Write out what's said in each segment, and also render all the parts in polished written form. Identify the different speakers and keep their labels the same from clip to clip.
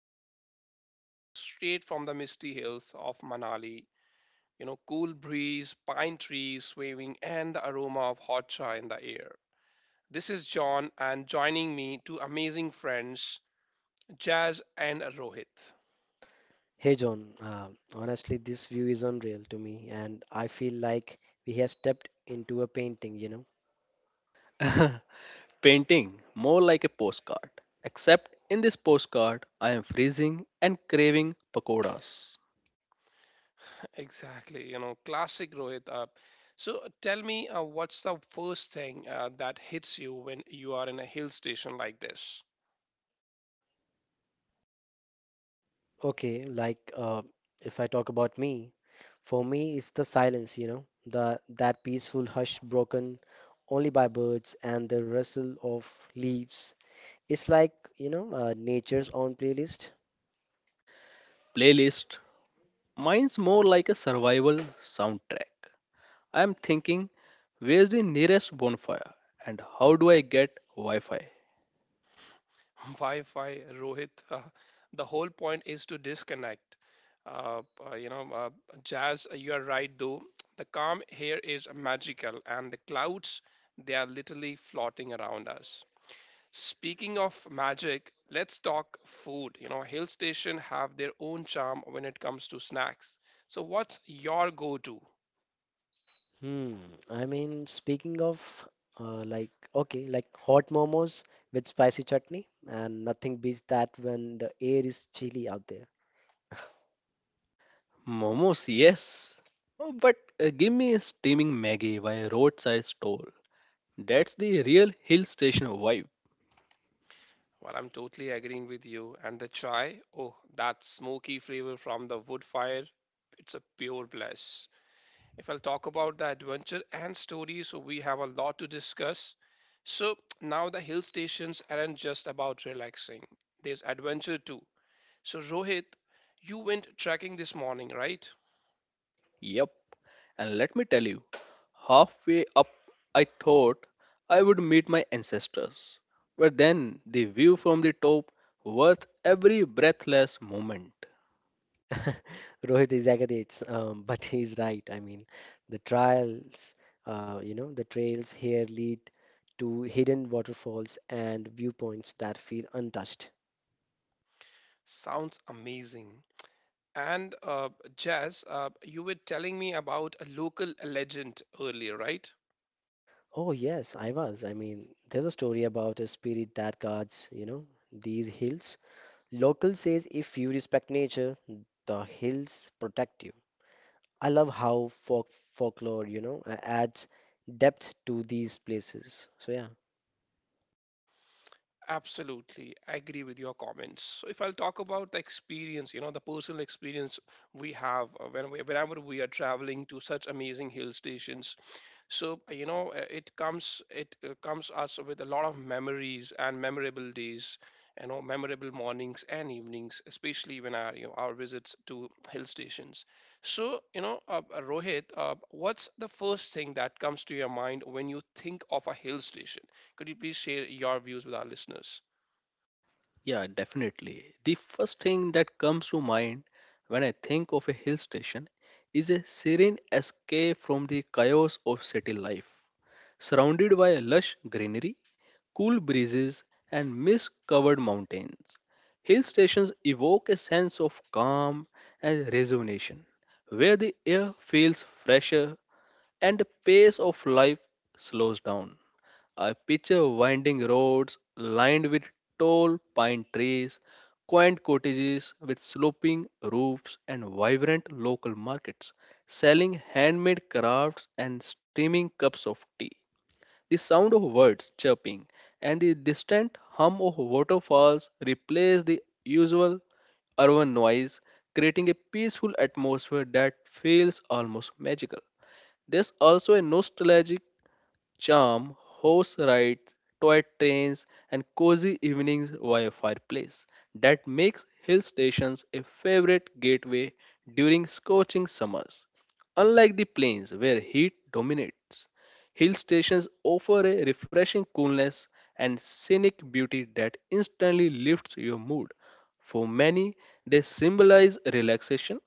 Speaker 1: Today we are coming to you straight from the misty hills of Manali. Cool breeze, pine trees swaying, and the aroma of hot chai in the air. This is John, and joining me, two amazing friends, Jazz and Rohit.
Speaker 2: Hey John, honestly, this view is unreal to me, and I feel like we have stepped into a painting, you know?
Speaker 3: Painting, more like a postcard. Except in this postcard, I am freezing and craving pakoras.
Speaker 1: Exactly, classic Rohit up. So tell me, what's the first thing that hits you when you are in a hill station like this?
Speaker 2: Okay, like uh, if I talk about me, for me, it's the silence, you know, the that peaceful hush broken only by birds and the rustle of leaves. It's like, nature's own playlist.
Speaker 3: Playlist, mine's more like a survival soundtrack. I am thinking, where's the nearest bonfire and how do I get Wi Fi?
Speaker 1: Wi-Fi, Rohit. The whole point is to disconnect. Uh, uh, you know, uh, Jazz, you are right though. The calm here is magical, and the clouds, they are literally floating around us. Speaking of magic, let's talk food. Hill station have their own charm when it comes to snacks. So, what's your go-to?
Speaker 2: Hmm. I mean, speaking of hot momos with spicy chutney, and nothing beats that when the air is chilly out there.
Speaker 3: Momos, yes. Oh, but give me a steaming Maggie by a roadside stall. That's the real hill station vibe.
Speaker 1: Well, I'm totally agreeing with you. And the chai, oh, that smoky flavor from the wood fire, it's a pure bliss. If I'll talk about the adventure and story, so we have a lot to discuss. So now the hill stations aren't just about relaxing, there's adventure too. So, Rohit, you went trekking this morning, right?
Speaker 3: Yep. And let me tell you, halfway up, I thought I would meet my ancestors. But then the view from the top worth every breathless moment.
Speaker 2: Rohit exaggerates, but he's right. I mean, the trials, you know, the trails here lead to hidden waterfalls and viewpoints that feel untouched.
Speaker 1: Sounds amazing. And Jazz, you were telling me about a local legend earlier, right?
Speaker 2: Oh, yes, I was. I mean, there's a story about a spirit that guards, you know, these hills. Local says if you respect nature, the hills protect you. I love how folklore, adds depth to these places. So yeah.
Speaker 1: Absolutely, I agree with your comments. So if I'll talk about the experience, the personal experience we have whenever we are traveling to such amazing hill stations, so it comes us with a lot of memories and memorable days, memorable mornings and evenings, especially when our visits to hill stations. So, Rohit, what's the first thing that comes to your mind when you think of a hill station? Could you please share your views with our listeners?
Speaker 3: Yeah, definitely. The first thing that comes to mind when I think of a hill station is a serene escape from the chaos of city life. Surrounded by lush greenery, cool breezes, and mist covered mountains, hill stations evoke a sense of calm and rejuvenation, where the air feels fresher and the pace of life slows down. I picture winding roads lined with tall pine trees, quaint cottages with sloping roofs, and vibrant local markets selling handmade crafts and steaming cups of tea. The sound of birds chirping and the distant hum of waterfalls replace the usual urban noise, creating a peaceful atmosphere that feels almost magical. There's also a nostalgic charm, horse rides, toy trains, and cozy evenings by a fireplace. That makes hill stations a favorite gateway during scorching summers. Unlike the plains where heat dominates, hill stations offer a refreshing coolness and scenic beauty that instantly lifts your mood. For many, they symbolize relaxation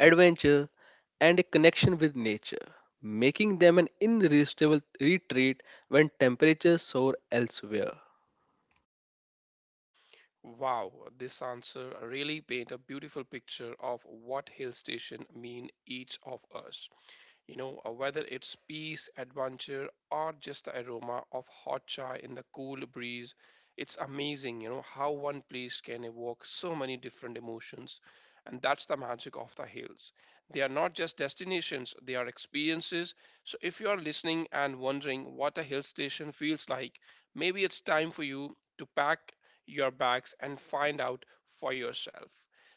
Speaker 3: adventure, and a connection with nature, making them an irresistible retreat when temperatures soar elsewhere.
Speaker 1: Wow, this answer really paint a beautiful picture of what hill station mean each of us. Whether it's peace, adventure, or just the aroma of hot chai in the cool breeze, it's amazing, how one place can evoke so many different emotions. And that's the magic of the hills. They are not just destinations, they are experiences. So if you are listening and wondering what a hill station feels like, maybe it's time for you to pack your bags and find out for yourself.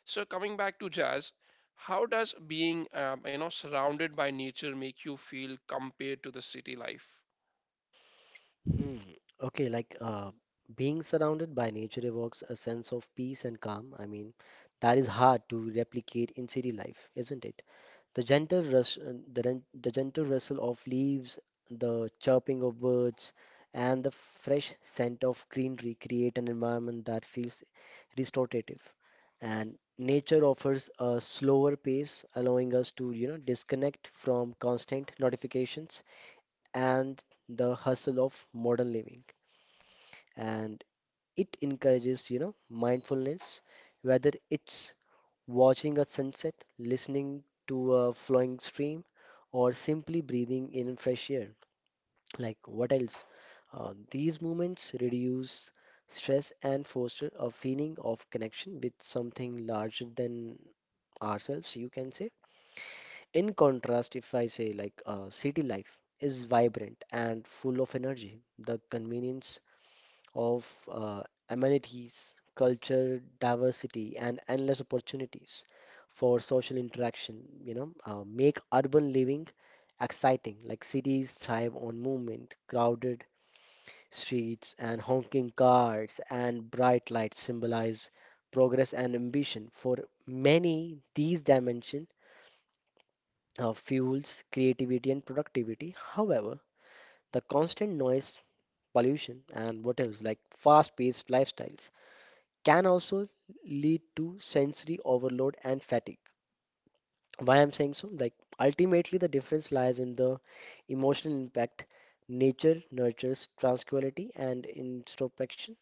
Speaker 1: So coming back to jazz, how does being, surrounded by nature make you feel compared to the city life?
Speaker 2: Hmm. Okay, like uh, being surrounded by nature evokes a sense of peace and calm. I mean, that is hard to replicate in city life, isn't it? The gentle rustle of leaves, the chirping of birds, and the fresh scent of greenery create an environment that feels restorative. And nature offers a slower pace, allowing us to, you know, disconnect from constant notifications and the hustle of modern living. And it encourages, you know, mindfulness, whether it's watching a sunset, listening to a flowing stream, or simply breathing in fresh air. Like, what else? These moments reduce stress and foster a feeling of connection with something larger than ourselves, you can say. In contrast, if I say city life is vibrant and full of energy, the convenience of uh, amenities, culture diversity, and endless opportunities for social interaction, make urban living exciting. Like cities thrive on movement, crowded streets, and honking cars and bright lights symbolize progress and ambition. For many, these dimensions fuels creativity and productivity. However, the constant noise, pollution, and what else like fast paced lifestyles can also lead to sensory overload and fatigue. Why I'm saying so? Like, ultimately, the difference lies in the emotional impact. Nature nurtures tranquility and introspection,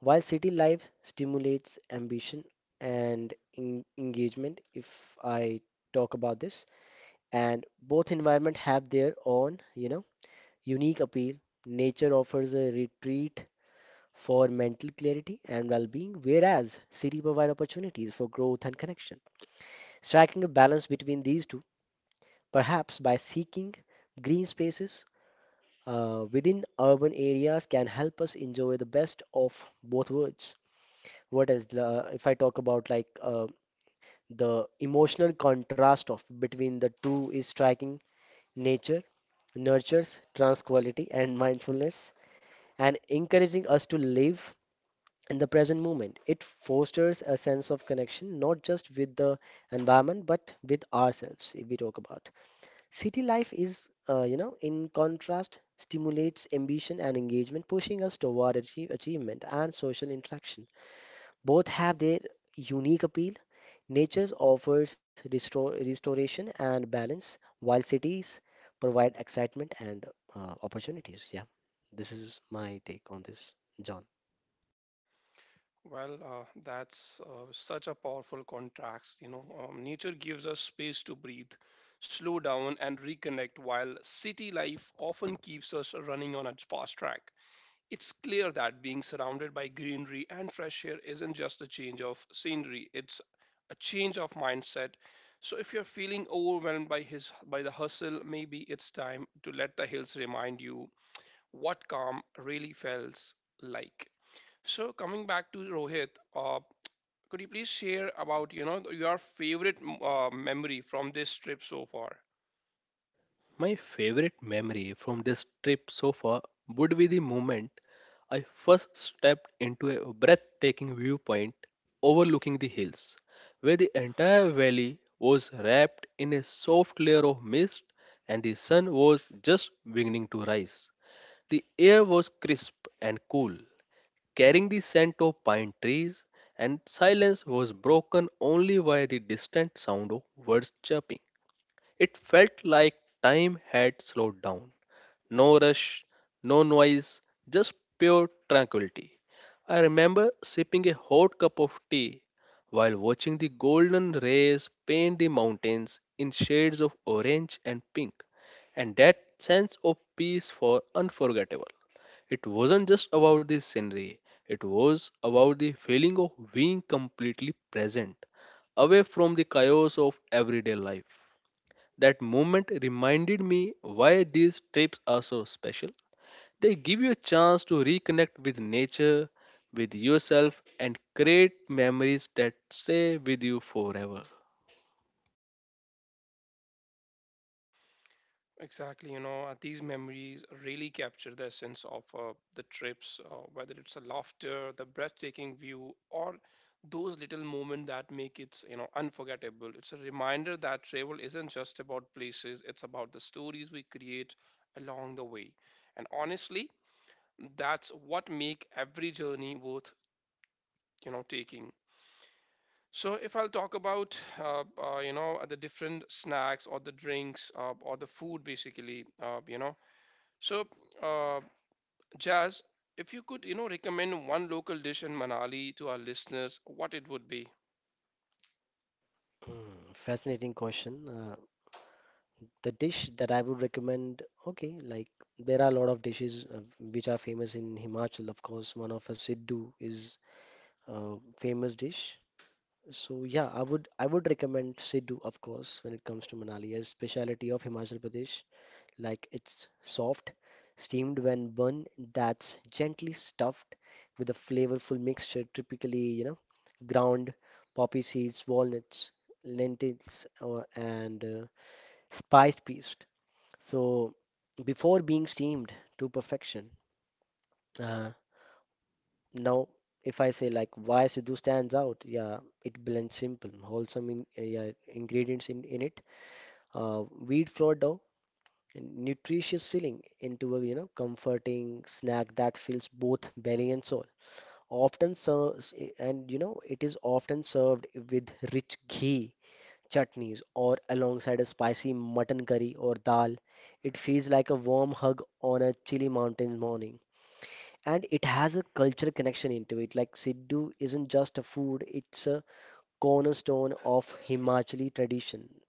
Speaker 2: while city life stimulates ambition and engagement. If I talk about this, and both environment have their own, you know, unique appeal. Nature offers a retreat for mental clarity and well-being, whereas city provide opportunities for growth and connection. Striking a balance between these two, perhaps by seeking green spaces within urban areas, can help us enjoy the best of both worlds. What else? If I talk about the emotional contrast of between the two is striking. Nature nurtures tranquility and mindfulness and encouraging us to live in the present moment. It fosters a sense of connection, not just with the environment, but with ourselves, if we talk about. City life is, in contrast, stimulates ambition and engagement, pushing us toward achievement and social interaction. Both have their unique appeal. Nature offers restoration and balance, while cities provide excitement and opportunities. Yeah, this is my take on this, John.
Speaker 1: Well, that's such a powerful contrast. Nature gives us space to breathe, slow down, and reconnect, while city life often keeps us running on a fast track. It's clear that being surrounded by greenery and fresh air isn't just a change of scenery, it's a change of mindset. So if you're feeling overwhelmed by the hustle, maybe it's time to let the hills remind you what calm really feels like. So coming back to Rohit, uh, could you please share about, your favorite memory from this trip so far?
Speaker 3: My favorite memory from this trip so far would be the moment I first stepped into a breathtaking viewpoint overlooking the hills, where the entire valley was wrapped in a soft layer of mist and the sun was just beginning to rise. The air was crisp and cool, carrying the scent of pine trees, and silence was broken only by the distant sound of birds chirping. It felt like time had slowed down. No rush, no noise, just pure tranquility. I remember sipping a hot cup of tea while watching the golden rays paint the mountains in shades of orange and pink, and that sense of peace was unforgettable. It wasn't just about the scenery, it was about the feeling of being completely present, away from the chaos of everyday life. That moment reminded me why these trips are so special. They give you a chance to reconnect with nature, with yourself, and create memories that stay with you forever.
Speaker 1: Exactly, these memories really capture the essence of the trips, whether it's a laughter, the breathtaking view, or those little moments that make it, unforgettable. It's a reminder that travel isn't just about places, it's about the stories we create along the way. And honestly, that's what make every journey worth, taking. So if I'll talk about the different snacks or the drinks or the food basically so, uh, Jazz, if you could, recommend one local dish in Manali to our listeners, what it would be?
Speaker 2: Hmm, fascinating question. The dish that I would recommend, okay, like there are a lot of dishes which are famous in Himachal, of course. One of a Siddu is a famous dish. So yeah, I would recommend Siddu, of course, when it comes to Manali, as speciality of Himachal Pradesh. Like it's soft, steamed when bun that's gently stuffed with a flavorful mixture, typically, you know, ground poppy seeds, walnuts, lentils, or, and spiced peas so before being steamed to perfection, uh, now if I say like why Sidhu stands out, yeah, it blends simple, wholesome ingredients in it, uh, wheat flour dough, and nutritious filling into a, you know, comforting snack that fills both belly and soul. Often serves, and you know it is often served with rich ghee chutneys, or alongside a spicy mutton curry or dal. It feels like a warm hug on a chilly mountain morning. And it has a cultural connection into it. Like Siddu isn't just a food, it's a cornerstone of Himachali tradition,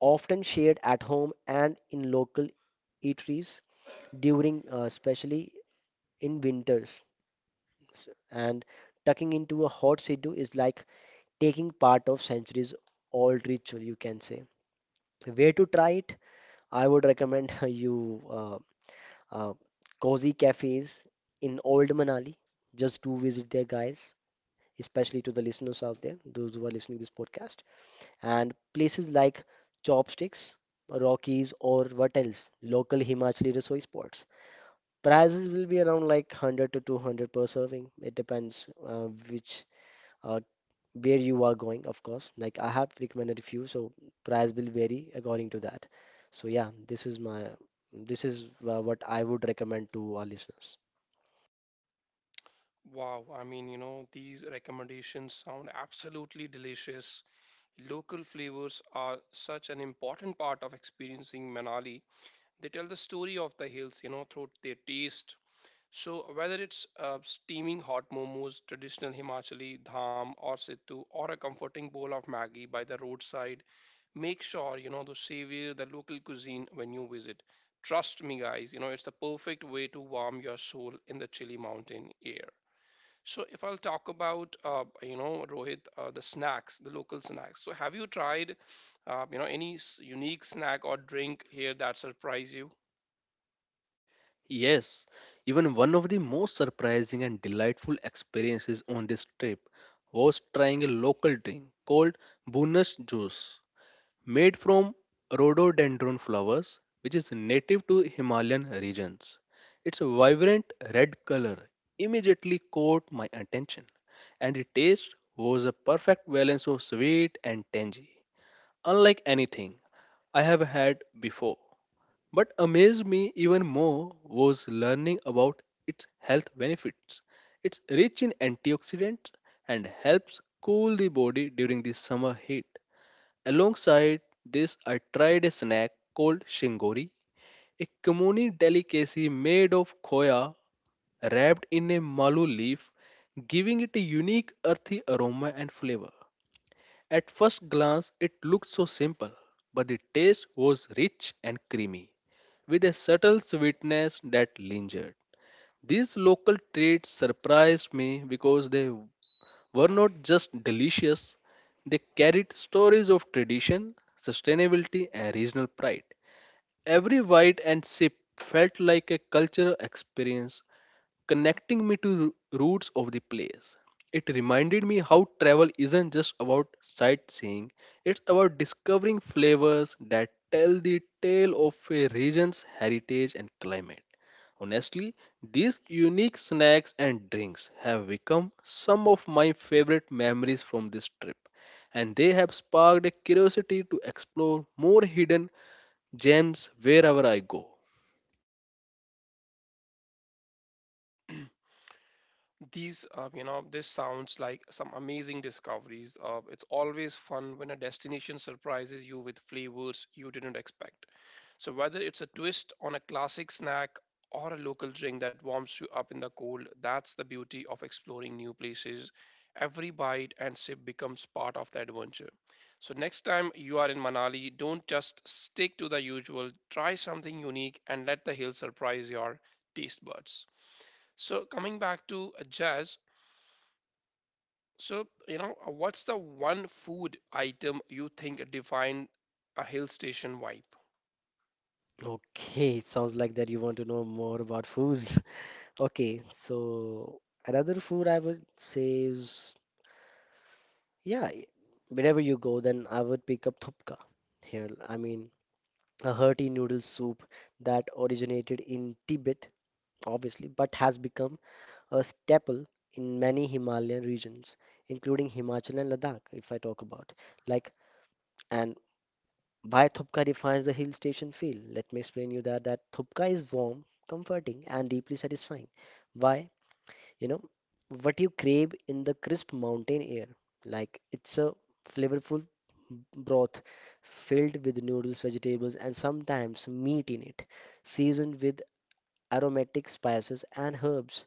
Speaker 2: often shared at home and in local eateries during, especially in winters. And tucking into a hot Siddu is like taking part of centuries old ritual, you can say. Where to try it? I would recommend you uh, cozy cafes in Old Manali. Just do visit there, guys, especially to the listeners out there, those who are listening this podcast. And places like Chopsticks, Rockies, or what else? Local Himachali Rasoi spots. Prices will be around like 100 to 200 per serving. It depends which uh, where you are going, of course. Like I have recommended a few, so price will vary according to that. So yeah, this is what I would recommend to our listeners.
Speaker 1: Wow, I mean, these recommendations sound absolutely delicious. Local flavors are such an important part of experiencing Manali. They tell the story of the hills, through their taste. So whether it's steaming hot momos, traditional Himachali dham or situ, or a comforting bowl of Maggi by the roadside, make sure to savor the local cuisine when you visit. Trust me, guys, it's the perfect way to warm your soul in the chilly mountain air. So if I'll talk about Rohit, the snacks, the local snacks. So have you tried any unique snack or drink here that surprise you?
Speaker 3: Yes, even one of the most surprising and delightful experiences on this trip was trying a local drink called Bunas juice. Made from rhododendron flowers, which is native to Himalayan regions. Its vibrant red color immediately caught my attention, and the taste was a perfect balance of sweet and tangy, unlike anything I have had before. But amazed me even more was learning about its health benefits. It's rich in antioxidants and helps cool the body during the summer heat. Alongside this, I tried a snack called shingori, a Komuni delicacy made of khoya wrapped in a malu leaf, giving it a unique earthy aroma and flavor. At first glance, it looked so simple, but the taste was rich and creamy, with a subtle sweetness that lingered. These local treats surprised me because they were not just delicious, they carried stories of tradition, sustainability, and regional pride. Every bite and sip felt like a cultural experience, connecting me to roots of the place. It reminded me how travel isn't just about sightseeing, it's about discovering flavors that tell the tale of a region's heritage and climate. Honestly, these unique snacks and drinks have become some of my favorite memories from this trip, and they have sparked a curiosity to explore more hidden gems wherever I go.
Speaker 1: These you know this sounds like some amazing discoveries. It's always fun when a destination surprises you with flavors you didn't expect. So whether it's a twist on a classic snack or a local drink that warms you up in the cold, that's the beauty of exploring new places. Every bite and sip becomes part of the adventure. So next time you are in Manali, don't just stick to the usual. Try something unique and let the hill surprise your taste buds. So coming back to jazz, so, what's the one food item you think define a hill station vibe?
Speaker 2: Okay, it sounds like that you want to know more about foods. Okay, so another food I would say is yeah, wherever you go, then I would pick up thupka here. I mean, a hearty noodle soup that originated in Tibet, obviously, but has become a staple in many Himalayan regions, including Himachal and Ladakh, if I talk about. Like, and why Thupka defines the hill station feel? Let me explain you that Thupka is warm, comforting, and deeply satisfying. Why? You know, what you crave in the crisp mountain air. Like, it's a flavorful broth filled with noodles, vegetables, and sometimes meat in it, seasoned with aromatic spices and herbs.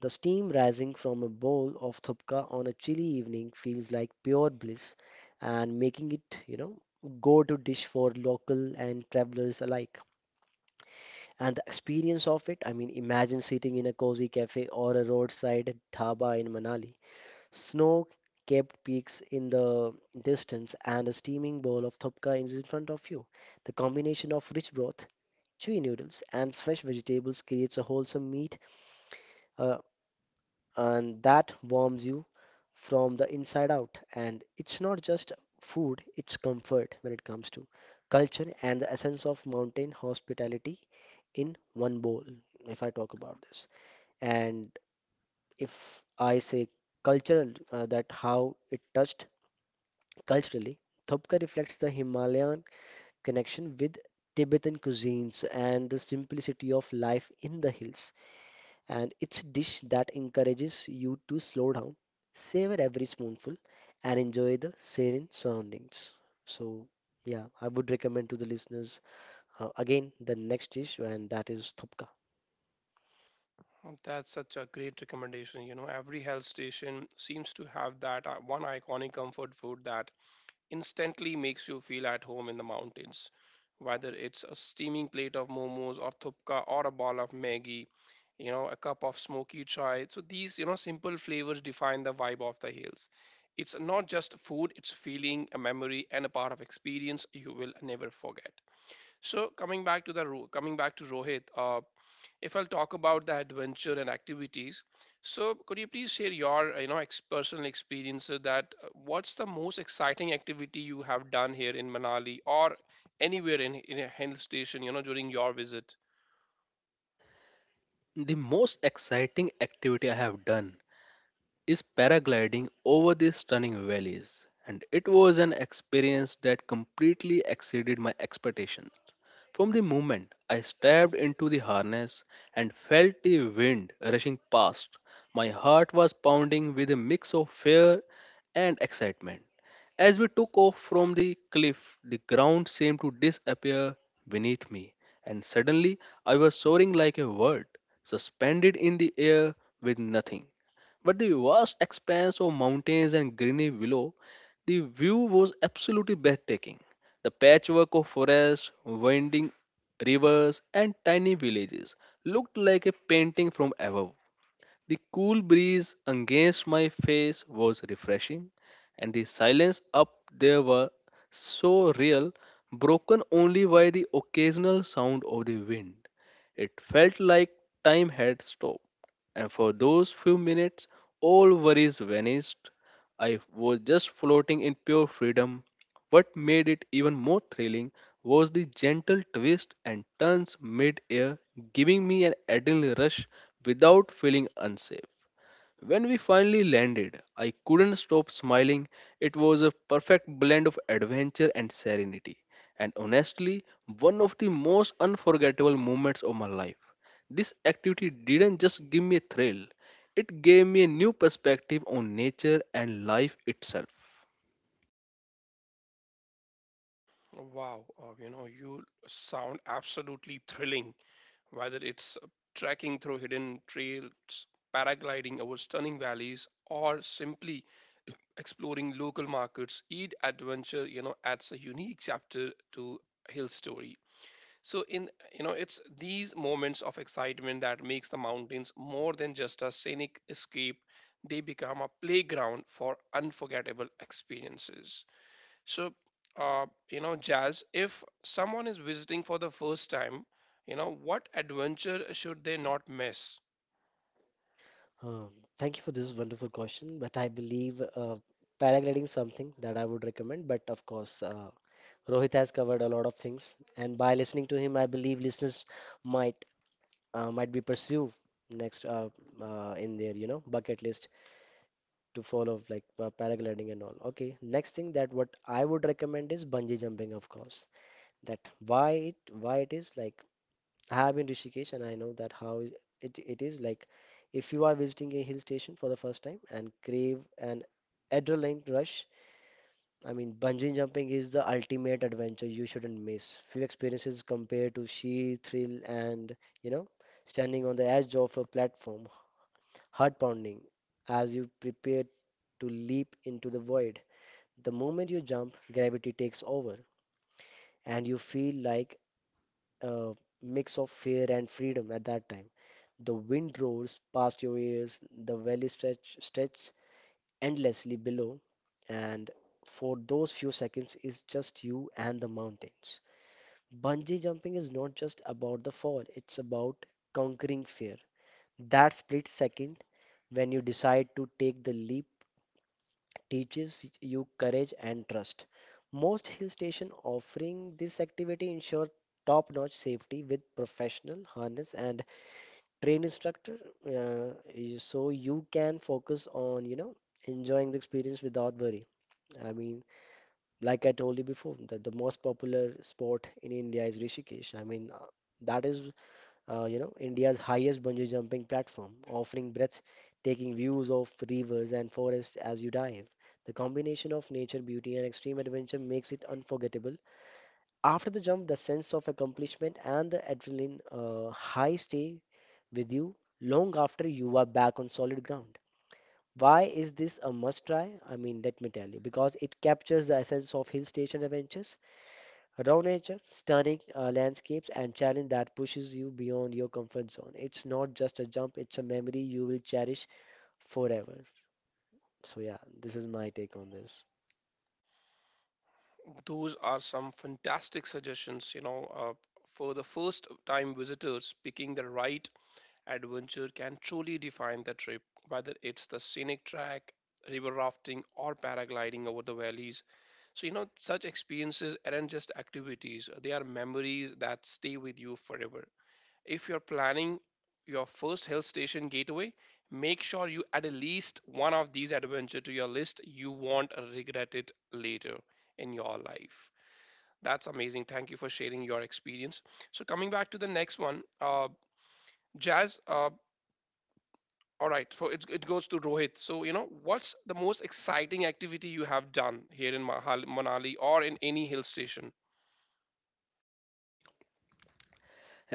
Speaker 2: The steam rising from a bowl of thupka on a chilly evening feels like pure bliss and making it, you know, go-to dish for local and travelers alike. And the experience of it, I mean, imagine sitting in a cozy cafe or a roadside dhaba in Manali. Snow capped peaks in the distance and a steaming bowl of thupka is in front of you. The combination of rich broth, chewy noodles, and fresh vegetables creates a wholesome meat, uh, and that warms you from the inside out. And it's not just food, it's comfort when it comes to culture and the essence of mountain hospitality in one bowl, if I talk about this. And if I say cultural, that how it touched culturally, Thopka reflects the Himalayan connection with Tibetan cuisines and the simplicity of life in the hills and it's a dish that encourages you to slow down, savor every spoonful, and enjoy the serene surroundings. So, yeah, I would recommend to the listeners again the next dish, and that is thupka.
Speaker 1: Oh, that's such a great recommendation. Every hill station seems to have that one iconic comfort food that instantly makes you feel at home in the mountains. Whether it's a steaming plate of momos or thupka or a ball of Maggi, a cup of smoky chai. So these, simple flavors define the vibe of the hills. It's not just food, it's feeling, a memory, and a part of experience you will never forget. So coming back to the Ro- coming back to Rohit, if I'll talk about the adventure and activities, so could you please share your personal experience so that what's the most exciting activity you have done here in Manali or anywhere in a hill station during your visit?
Speaker 3: The most exciting activity I have done is paragliding over these stunning valleys, and it was an experience that completely exceeded my expectations. From the moment I stepped into the harness and felt the wind rushing past, my heart was pounding with a mix of fear and excitement. As we took off from the cliff, the ground seemed to disappear beneath me, and suddenly I was soaring like a bird, suspended in the air with nothing but the vast expanse of mountains and greenery below the view was absolutely breathtaking. The patchwork of forests, winding rivers, and tiny villages looked like a painting from above. The cool breeze against my face was refreshing, and the silence up there were so real, broken only by the occasional sound of the wind. It felt like time had stopped, and for those few minutes, all worries vanished. I was just floating in pure freedom, what made it even more thrilling was the gentle twists and turns mid air, giving me an adrenaline rush without feeling unsafe. When we finally landed, I couldn't stop smiling. It was a perfect blend of adventure and serenity, and honestly, one of the most unforgettable moments of my life. This activity didn't just give me a thrill, it gave me a new perspective on nature and life itself.
Speaker 1: Wow, you sound absolutely thrilling. Whether it's trekking through hidden trails, paragliding over stunning valleys, or simply exploring local markets, each adventure adds a unique chapter to hill story. So in you know it's these moments of excitement that makes the mountains more than just a scenic escape. They become a playground for unforgettable experiences. So jazz, if someone is visiting for the first time, what adventure should they not miss?
Speaker 2: Um, thank you for this wonderful question, but I believe paragliding is something that I would recommend, but of course, Rohit has covered a lot of things, and by listening to him, I believe listeners might might be pursue next in their, you know, bucket list to follow like paragliding and all. Okay, next thing that what I would recommend is bungee jumping, of course. That why it is like I have been Rishikesh and I know that how it it is like if you are visiting a hill station for the first time and crave an adrenaline rush, I mean bungee jumping is the ultimate adventure you shouldn't miss. Few experiences compared to sheer thrill and you know standing on the edge of a platform, heart pounding as you prepare to leap into the void. The moment you jump, gravity takes over, and you feel like a mix of fear and freedom at that time. The wind roars past your ears, the valley stretch stretches endlessly below, and for those few seconds is just you and the mountains. Bungee jumping is not just about the fall, it's about conquering fear. That split second when you decide to take the leap teaches you courage and trust. Most hill stations offering this activity ensure top-notch safety with professional harness and train instructor, so you can focus on, you know, enjoying the experience without worry. I mean, like I told you before, that the most popular sport in India is Rishikesh. I mean, that is India's highest bungee jumping platform, offering breathtaking views of rivers and forests as you dive. The combination of nature, beauty, and extreme adventure makes it unforgettable. After the jump, the sense of accomplishment and the adrenaline high stay with you long after you are back on solid ground. Why is this a must try? I mean, let me tell you, because it captures the essence of hill station adventures. Raw nature, stunning landscapes, and challenge that pushes you beyond your comfort zone. It's not just a jump, it's a memory you will cherish forever. So, yeah, this is my take on this.
Speaker 1: Those are some fantastic suggestions, for the first time visitors picking the right adventure can truly define the trip, whether it's the scenic track, river rafting, or paragliding over the valleys. So, such experiences aren't just activities, they are memories that stay with you forever. If you're planning your first hill station getaway, make sure you add at least one of these adventure to your list. You won't regret it later in your life. That's amazing. Thank you for sharing your experience. So coming back to the next one, Jazz, all right, so it goes to Rohit. So, what's the most exciting activity you have done here in Manali or in any hill station?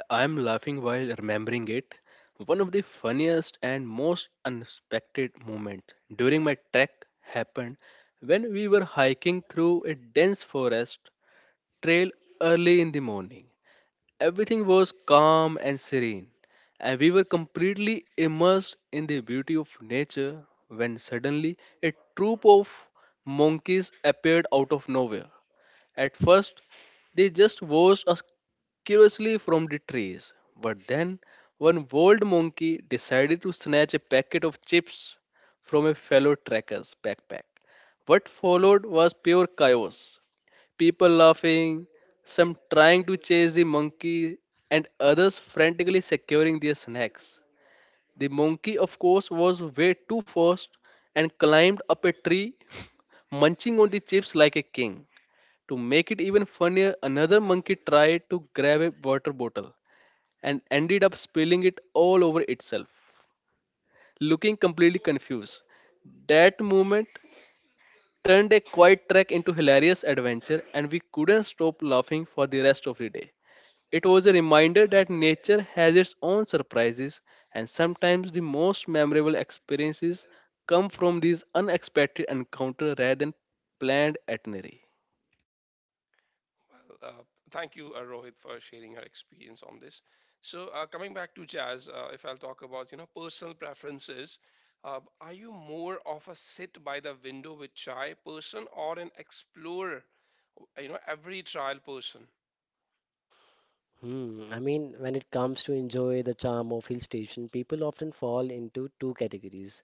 Speaker 3: I'm laughing while remembering it. One of the funniest and most unexpected moments during my trek happened when we were hiking through a dense forest trail early in the morning. Everything was calm and serene, and we were completely immersed in the beauty of nature when suddenly a troop of monkeys appeared out of nowhere. At first, they just watched us curiously from the trees, but then one bold monkey decided to snatch a packet of chips from a fellow trekker's backpack. What followed was pure chaos, people laughing, some trying to chase the monkey, and others frantically securing their snacks. The monkey, of course, was way too fast and climbed up a tree, munching on the chips like a king. To make it even funnier, another monkey tried to grab a water bottle and ended up spilling it all over itself, looking completely confused. That moment turned a quiet trek into hilarious adventure, and we couldn't stop laughing for the rest of the day. It was a reminder that nature has its own surprises, and sometimes the most memorable experiences come from these unexpected encounters rather than planned itinerary.
Speaker 1: Well, thank you, Rohit, for sharing your experience on this. So, coming back to jazz, if I'll talk about, personal preferences, are you more of a sit by the window with chai person or an explorer, every trial person?
Speaker 2: Hmm. I mean, when it comes to enjoy the charm of hill station, people often fall into two categories.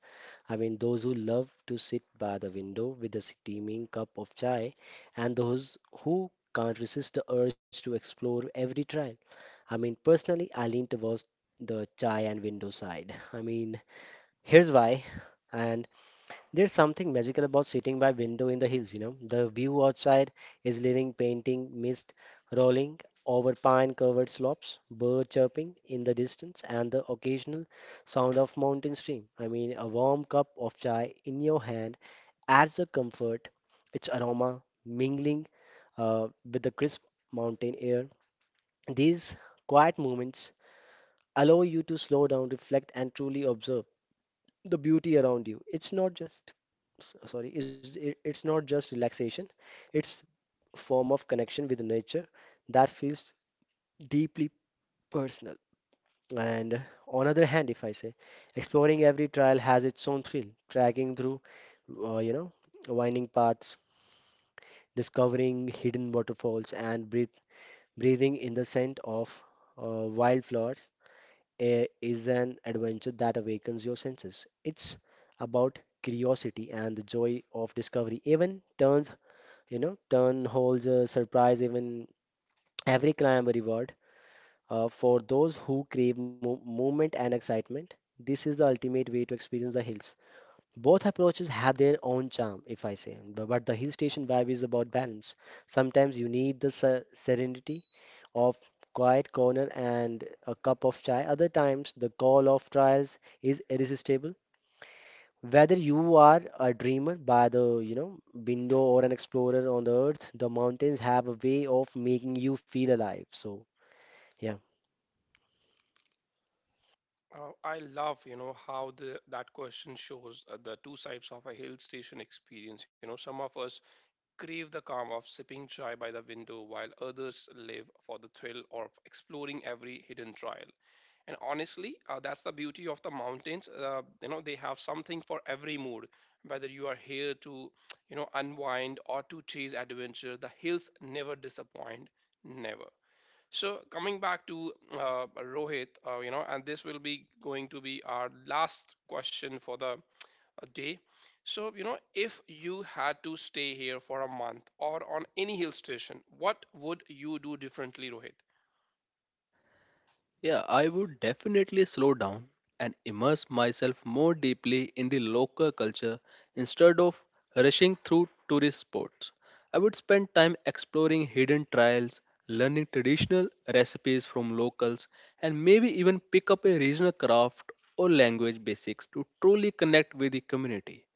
Speaker 2: I mean, those who love to sit by the window with a steaming cup of chai, and those who can't resist the urge to explore every trail. I mean, personally, I lean towards the chai and window side. I mean, here's why. And there's something magical about sitting by window in the hills, you know. The view outside is living painting, mist rolling over pine-covered slopes, bird chirping in the distance, and the occasional sound of mountain stream. I mean, a warm cup of chai in your hand adds a comfort, its aroma mingling with the crisp mountain air. These quiet moments allow you to slow down, reflect, and truly observe the beauty around you. It's not just relaxation. It's form of connection with nature that feels deeply personal. And on other hand, if I say, exploring every trail has its own thrill. Tracking through, uh, you know, winding paths, discovering hidden waterfalls, and breathing in the scent of wildflowers is an adventure that awakens your senses. It's about curiosity and the joy of discovery. Even turns, you know, turn holds a surprise. Even every climb a reward. For those who crave mo movement and excitement, this is the ultimate way to experience the hills. Both approaches have their own charm, if I say, but the hill station vibe is about balance. Sometimes you need the serenity of quiet corner and a cup of chai. Other times, the call of trials is irresistible. Whether you are a dreamer by the, you know, window or an explorer on the earth, the mountains have a way of making you feel alive. So, yeah.
Speaker 1: I love, how the that question shows the two sides of a hill station experience. Some of us crave the calm of sipping chai by the window, while others live for the thrill of exploring every hidden trail. And honestly, that's the beauty of the mountains. They have something for every mood. Whether you are here to, unwind or to chase adventure, the hills never disappoint. Never. So coming back to Rohit, and this will be going to be our last question for the day. So, if you had to stay here for a month or on any hill station, what would you do differently, Rohit?
Speaker 3: Yeah, I would definitely slow down and immerse myself more deeply in the local culture instead of rushing through tourist spots. I would spend time exploring hidden trials, learning traditional recipes from locals, and maybe even pick up a regional craft or language basics to truly connect with the community.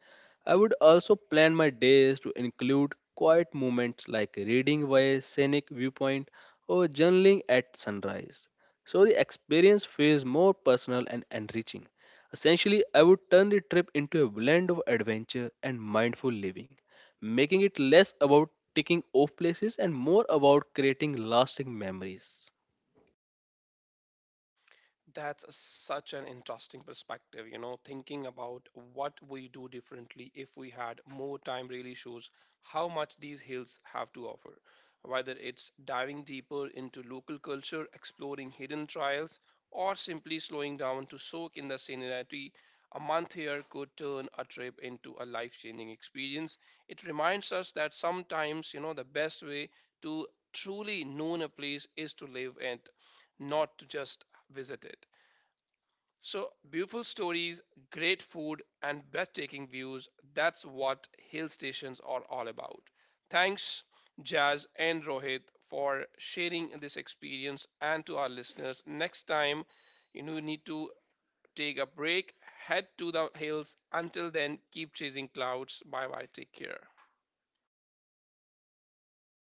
Speaker 3: I would also plan my days to include quiet moments like reading by a scenic viewpoint or journaling at sunrise. So the experience feels more personal and enriching. Essentially, I would turn the trip into a blend of adventure and mindful living, making it less about ticking off places and more about creating lasting memories.
Speaker 1: That's such an interesting perspective, thinking about what we do differently if we had more time really shows how much these hills have to offer. Whether it's diving deeper into local culture, exploring hidden trials, or simply slowing down to soak in the scenery, a month here could turn a trip into a life-changing experience. It reminds us that sometimes, the best way to truly know a place is to live it, not to just visited. So, beautiful stories, great food, and breathtaking views, that's what hill stations are all about. Thanks, Jazz and Rohit, for sharing this experience, and to our listeners. Next time, you need to take a break, head to the hills. Until then, keep chasing clouds. Bye bye. Take care.